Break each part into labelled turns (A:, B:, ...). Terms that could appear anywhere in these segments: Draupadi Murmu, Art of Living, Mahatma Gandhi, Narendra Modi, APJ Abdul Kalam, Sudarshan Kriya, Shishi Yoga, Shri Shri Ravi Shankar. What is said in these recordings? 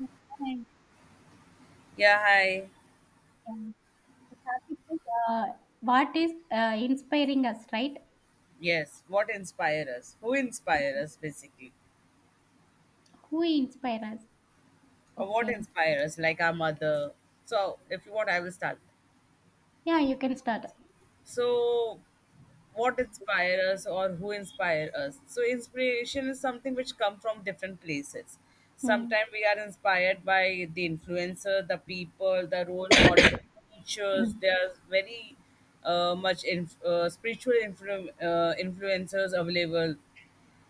A: And,
B: Yeah, hi.
A: yeah, the topic is uh, what is inspiring us, right?
B: Yes, what inspire us? Who inspire us basically?
A: Who inspire us?
B: Or what
A: Okay.
B: inspire us? Like our mother. So if you want, I will start.
A: Yeah, you can start.
B: So what inspire us or who inspire us? So inspiration is something which come from different places.
A: Hmm.
B: Sometimes we are inspired by the influencer, the people, the role model, teachers. They are very much spiritual influencers available,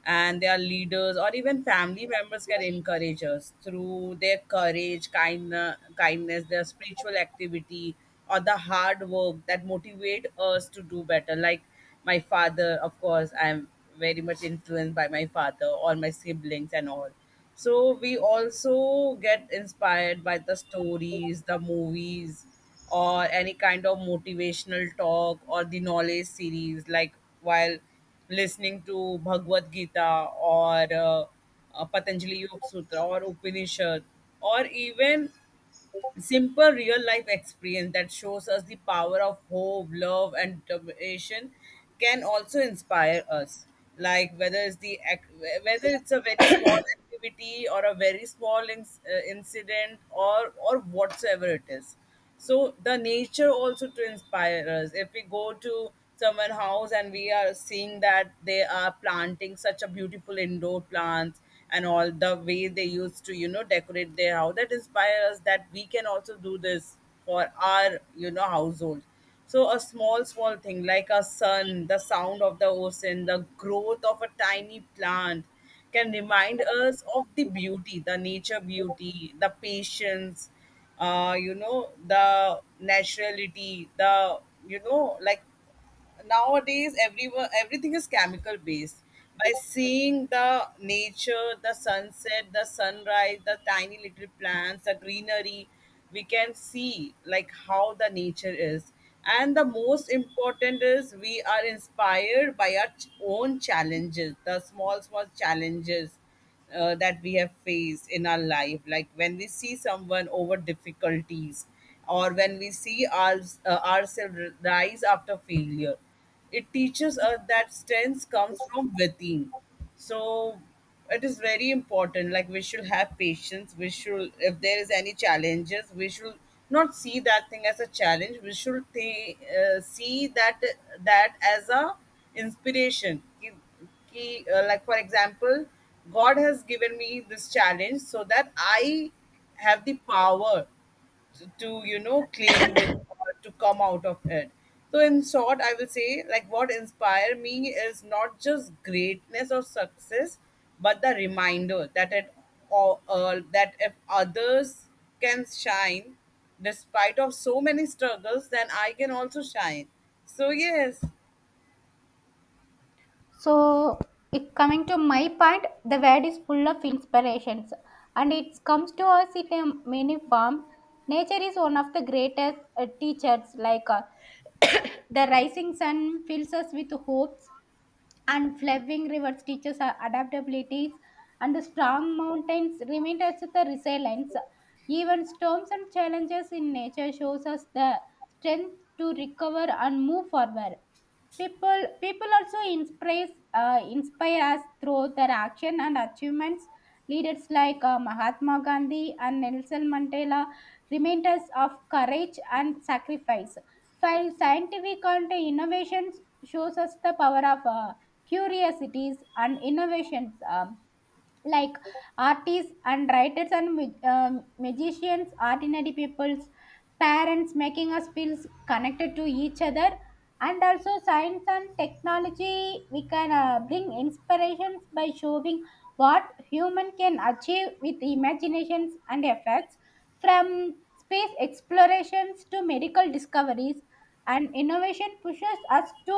B: and their leaders or even family members can encourage us through their courage, kind, kindness, their spiritual activity, or the hard work that motivate us to do better. Like my father, of course, I'm very much influenced by my father, all my siblings, and all. So we also get inspired by the stories, the movies, or any kind of motivational talk or the knowledge series, like while listening to Bhagavad Gita or Patanjali Yoga Sutra or Upanishad, or even simple real life experience that shows us the power of hope, love and determination can also inspire us, like whether whether it's a very small activity or a very small incident or whatsoever it is. So the nature also to inspire us. If we go to someone house and we are seeing that they are planting such a beautiful indoor plants, and all the way they used to, you know, decorate their house, that inspire us that we can also do this for our, you know, household. So a small small thing like a sun, the sound of the ocean, the growth of a tiny plant can remind us of the beauty, the nature beauty, the patience, you know, the naturality, the, you know, like nowadays everyone, everything is chemical based. By seeing the nature, the sunset, the sunrise, the tiny little plants, the greenery, we can see like how the nature is. And the most important is we are inspired by our own challenges, the small small challenges that we have faced in our life, like when we see someone over difficulties, or when we see ourselves rise after failure, it teaches us that strength comes from within. So it is very important, like we should have patience, we should, if there is any challenges, we should not see that thing as a challenge. We should see that that as a inspiration. Like for example, god has given me this challenge so that I have the power to, you know, claim this or to come out of it. So in short, I will say like, what inspire me is not just greatness or success, but the reminder that it or that if others can shine despite of so many struggles, then I can also shine. So yes.
A: So, if coming to my point, the world is full of inspirations and it comes to us in a many form. Nature is one of the greatest teachers, like the rising sun fills us with hopes, and flowing rivers teaches our adaptabilities, and the strong mountains remind us of the resilience. Even storms and challenges in nature shows us the strength to recover and move forward. People also inspires, inspire us through their action and achievements. Leaders like Mahatma Gandhi and Nelson Mandela remind us of courage and sacrifice, while scientific and innovations shows us the power of curiosities and innovations. Like artists and writers and magicians, ordinary people's parents, making us feel connected to each other. And also science and technology we can bring inspirations by showing what human can achieve with imaginations and efforts. From space explorations to medical discoveries, and innovation pushes us to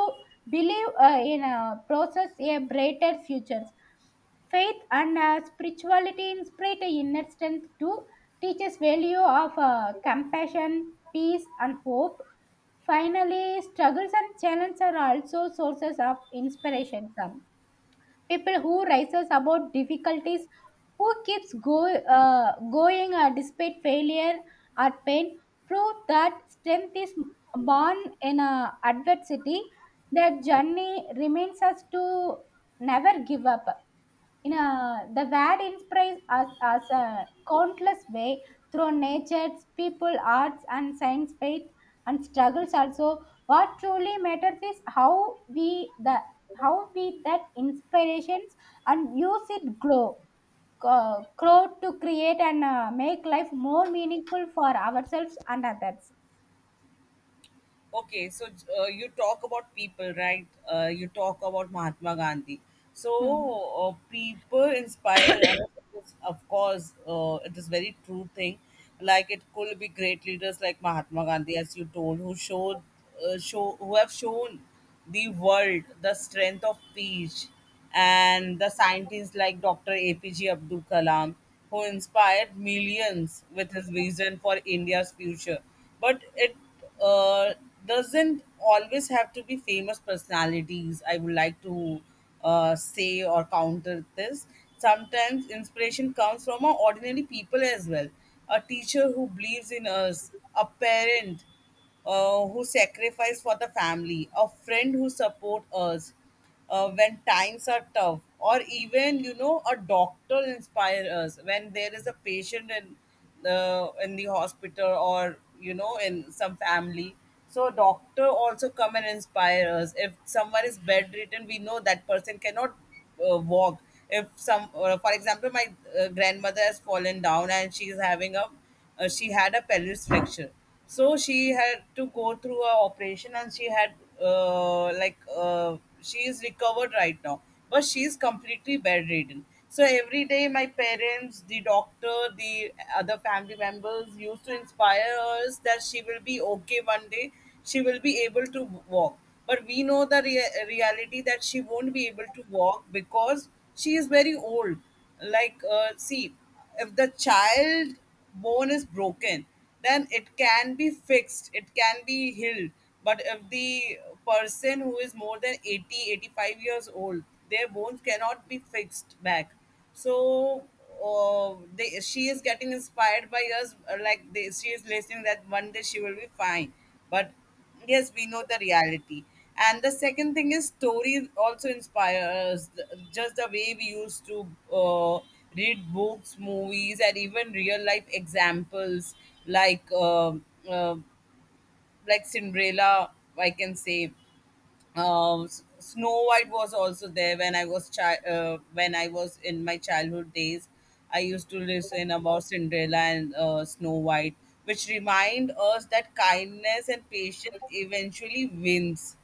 A: believe in a process, a brighter futures. Faith and spirituality inspire inner strength to teach us value of compassion, peace, and hope. Finally, struggles and challenges are also sources of inspiration. Some people who rises above difficulties, who keeps going despite failure or pain, prove that strength is born in adversity. Their journey remains us to never give up. You know, the word inspires us, us a countless way, through nature, people, arts, and science, faith, and struggles. Also, what truly matters is how we, the how we that inspirations, and use it grow, grow to create and make life more meaningful for ourselves and others.
B: Okay, so you talk about people, right? You talk about Mahatma Gandhi. So
A: Hmm.
B: people inspire us, of course, it is very true thing. Like it could be great leaders like Mahatma Gandhi, as you told, who who have shown the world, the strength of peace, and the scientists like Dr. APJ Abdul Kalam, who inspired millions with his vision for India's future. But it uh, doesn't always have to be famous personalities. I would like to say or counter this. Sometimes inspiration comes from our ordinary people as well. A teacher who believes in us, a parent who sacrifice for the family, a friend who support us when times are tough, or even, you know, a doctor inspire us when there is a patient in the hospital, or, you know, in some family. So a doctor also come and inspire us. If someone is bedridden, we know that person cannot walk. If for example, my grandmother has fallen down, and she is having a she had a pelvis fracture, so she had to go through a operation, and she had uh, like she is recovered right now, but she is completely bedridden. So every day my parents, the doctor, the other family members used to inspire us that she will be okay one day, she will be able to walk. But we know the reality that she won't be able to walk because she is very old. Like see, if the child bone is broken, then it can be fixed, it can be healed. But if the person who is more than 80, 85 years old, their bones cannot be fixed back. So she is getting inspired by us, like she is listening that one day she will be fine. But yes, we know the reality. And the second thing is story also inspires just the way we used to uh, read books, movies, and even real life examples. Like uh, uh, like Cinderella, I can say. Snow White was also there when I was when I was in my childhood days. I used to listen about Cinderella and Snow White, which remind us that kindness and patience eventually wins.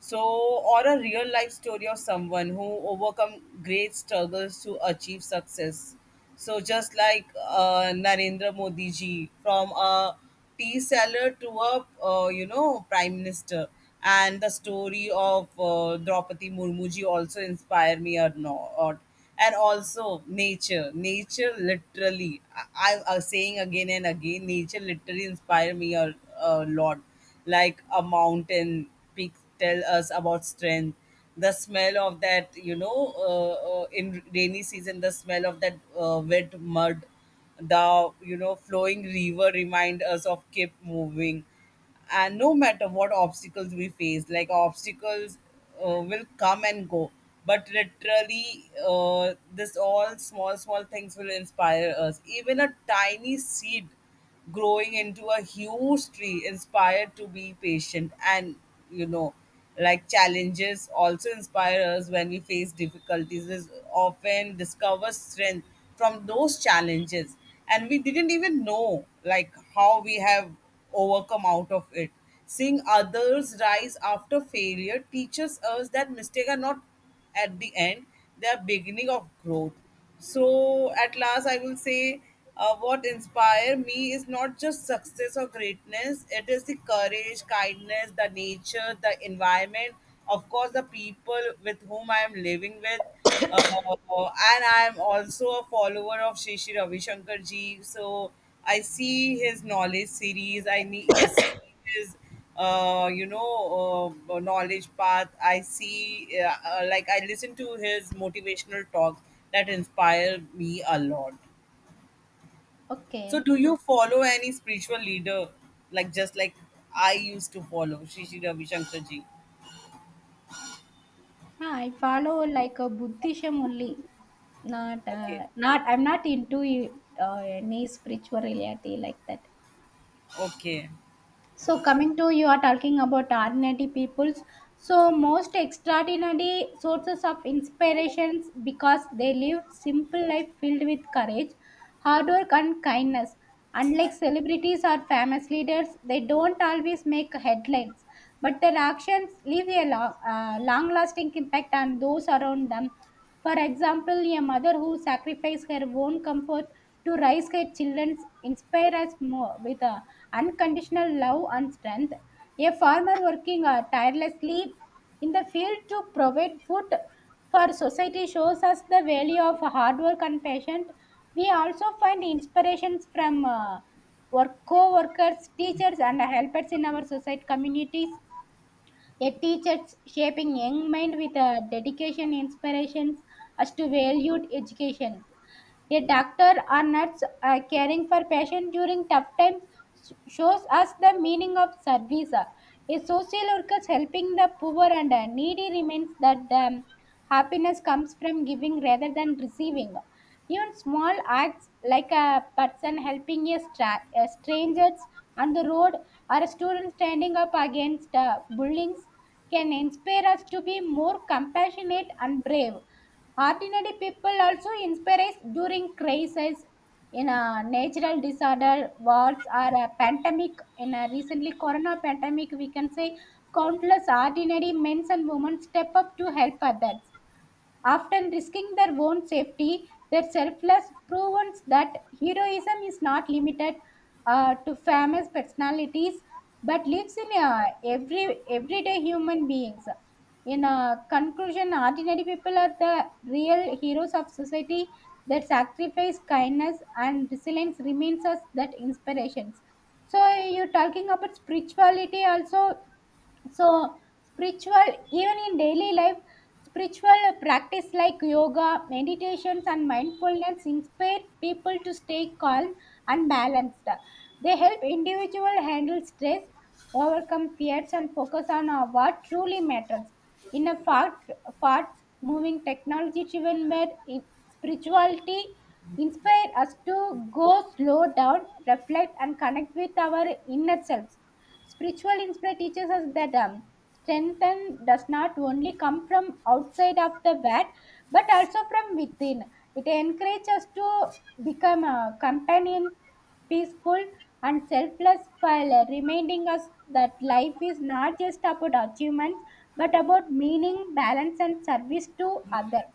B: So, or a real life story of someone who overcome great struggles to achieve success. So, just like Narendra Modi ji, from a tea seller to a, you know, prime minister, and the story of Draupadi Murmu ji also inspire me or not. And also nature, nature literally. I'm saying again and again, nature literally inspire me a lot. Like a mountain speak tell us about strength, the smell of that, you know, in rainy season, the smell of that wet mud, the, you know, flowing river remind us of keep moving, and no matter what obstacles we face, like obstacles will come and go. But literally this all small small things will inspire us. Even a tiny seed growing into a huge tree inspired to be patient, and, you know, like challenges also inspire us. When we face difficulties is often discover strength from those challenges, and we didn't even know like how we have overcome out of it. Seeing others rise after failure teaches us that mistakes are not at the end, they are beginning of growth. So, at last, I will say what inspire me is not just success or greatness. It is the courage, kindness, the nature, the environment, of course, the people with whom I am living with. Uh, and I am also a follower of Shri Shri Ravi Shankar ji. So I see his knowledge series, see his you know, knowledge path. I see like I listen to his motivational talks that inspire me a lot. So
A: Okay.
B: do you follow any spiritual leader, like just like I used to follow Shri Shri Ravi Shankar ji?
A: Yeah, I follow like a Buddhism only. Not,
B: Okay.
A: uh, not. I'm not into any spirituality like that.
B: Okay.
A: So coming to, you are talking about ordinary peoples. So most extraordinary sources of inspirations, because they live simple life filled with courage, hard work, and kindness. Unlike celebrities or famous leaders, they don't always make headlines, but their actions leave a long-lasting impact on those around them. For example, a mother who sacrificed her own comfort to raise her children inspires us more with unconditional love and strength. A farmer working tirelessly in the field to provide food for society shows us the value of hard work and patience. We also find inspirations from work co-workers, teachers, and helpers in our society communities. Yet teachers shaping young mind with a dedication inspirations as to valued education. A doctor or nurse caring for patient during tough times shows us the meaning of service. A social worker helping the poor and needy remains that the happiness comes from giving rather than receiving. Even small acts like a person helping a strangers on the road, or students standing up against bullies, can inspire us to be more compassionate and brave. Ordinary people also inspire us during crises, in a natural disorder, wars, or a pandemic. In a recently corona pandemic, we can say countless ordinary men and women step up to help others, often risking their own safety. Their selfless proves that heroism is not limited to famous personalities, but lives in everyday human beings. In conclusion, ordinary people are the real heroes of society. Their sacrifice, kindness, and resilience remains us that inspirations. So you're talking about spirituality also. So spiritual, even in daily life, spiritual practice like yoga, meditations, and mindfulness inspire people to stay calm and balanced. They help individual handle stress, overcome fears, and focus on what truly matters. In a fast moving technology driven world, spirituality inspire us to go, slow down, reflect, and connect with our inner selves. Spiritual insight teaches us that strength and does not only come from outside of the vat, but also from within. It encourages us to become a companion, peaceful, and selfless, while reminding us that life is not just about achievements, but about meaning, balance, and service to others.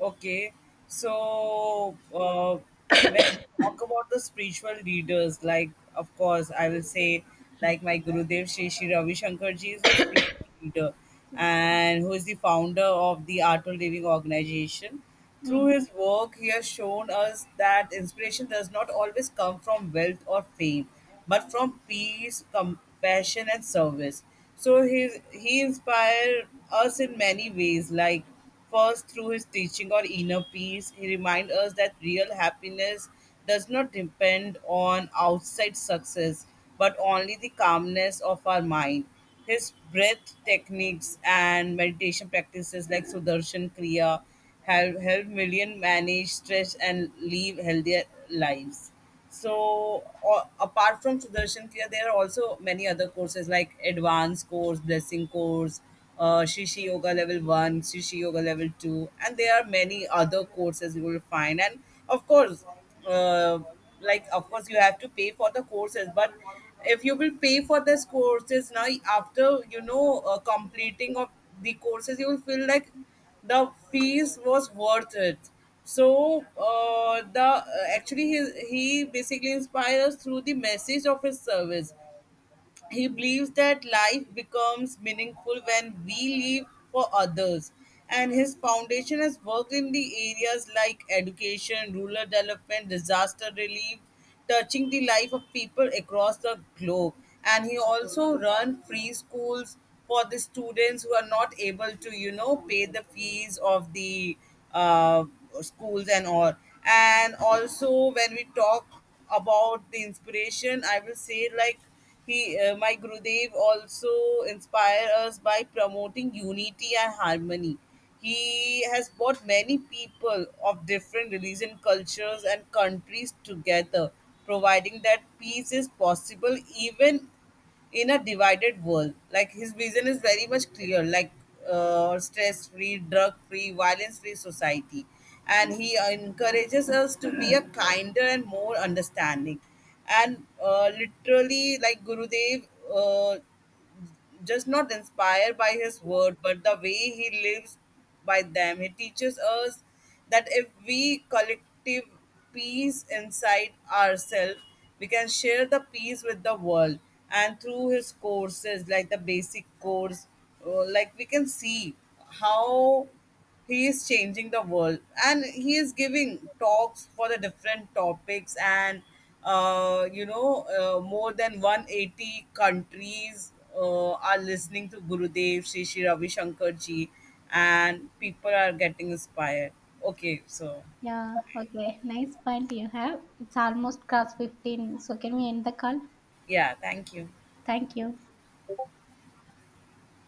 B: Okay, so when we talk about the spiritual leaders, like of course, I will say, like my Gurudev Shri Shri Ravi Shankar ji is a spiritual leader and who is the founder of the Art of Living organization. Through
A: Mm.
B: his work, he has shown us that inspiration does not always come from wealth or fame, but from peace, compassion, and service. So he inspired us in many ways, like first through his teaching or inner peace, he reminds us that real happiness does not depend on outside success, but only the calmness of our mind. His breath techniques and meditation practices like Sudarshan Kriya have helped millions manage stress and live healthier lives. So, apart from Sudarshan Kriya, there are also many other courses like advanced course, blessing course, Shishi Yoga Level 1, Shishi Yoga Level 2, and there are many other courses you will find. And of course, uh, like, of course, you have to pay for the courses, but if you will pay for these courses now, after, you know, completing of the courses, you will feel like the fees was worth it. So the actually he basically inspires through the message of his service. He believes that life becomes meaningful when we live for others. And his foundation has worked in the areas like education, rural development, disaster relief, touching the life of people across the globe. And he also run free schools for the students who are not able to, you know, pay the fees of the uh, schools and all. And also, when we talk about the inspiration, I will say, like my Gurudev also inspire us by promoting unity and harmony. He has brought many people of different religion, cultures, and countries together, providing that peace is possible even in a divided world. Like his vision is very much clear, like stress-free, drug-free, violence-free society, and he encourages us to be a kinder and more understanding. And literally, like Gurudev. Uh, just not inspired by his word, but the way he lives by them. He teaches us that if we collective peace inside ourselves, we can share the peace with the world. And through his courses, like the basic course, like we can see how he is changing the world, and he is giving talks for the different topics and, you know, more than 180 countries are listening to Gurudev Sri Sri Ravi Shankar ji, and people are getting inspired. Okay, so
A: Yeah, okay. Nice point you have. It's almost past 15. So, can we end the call?
B: yeah, thank you.
A: Thank you.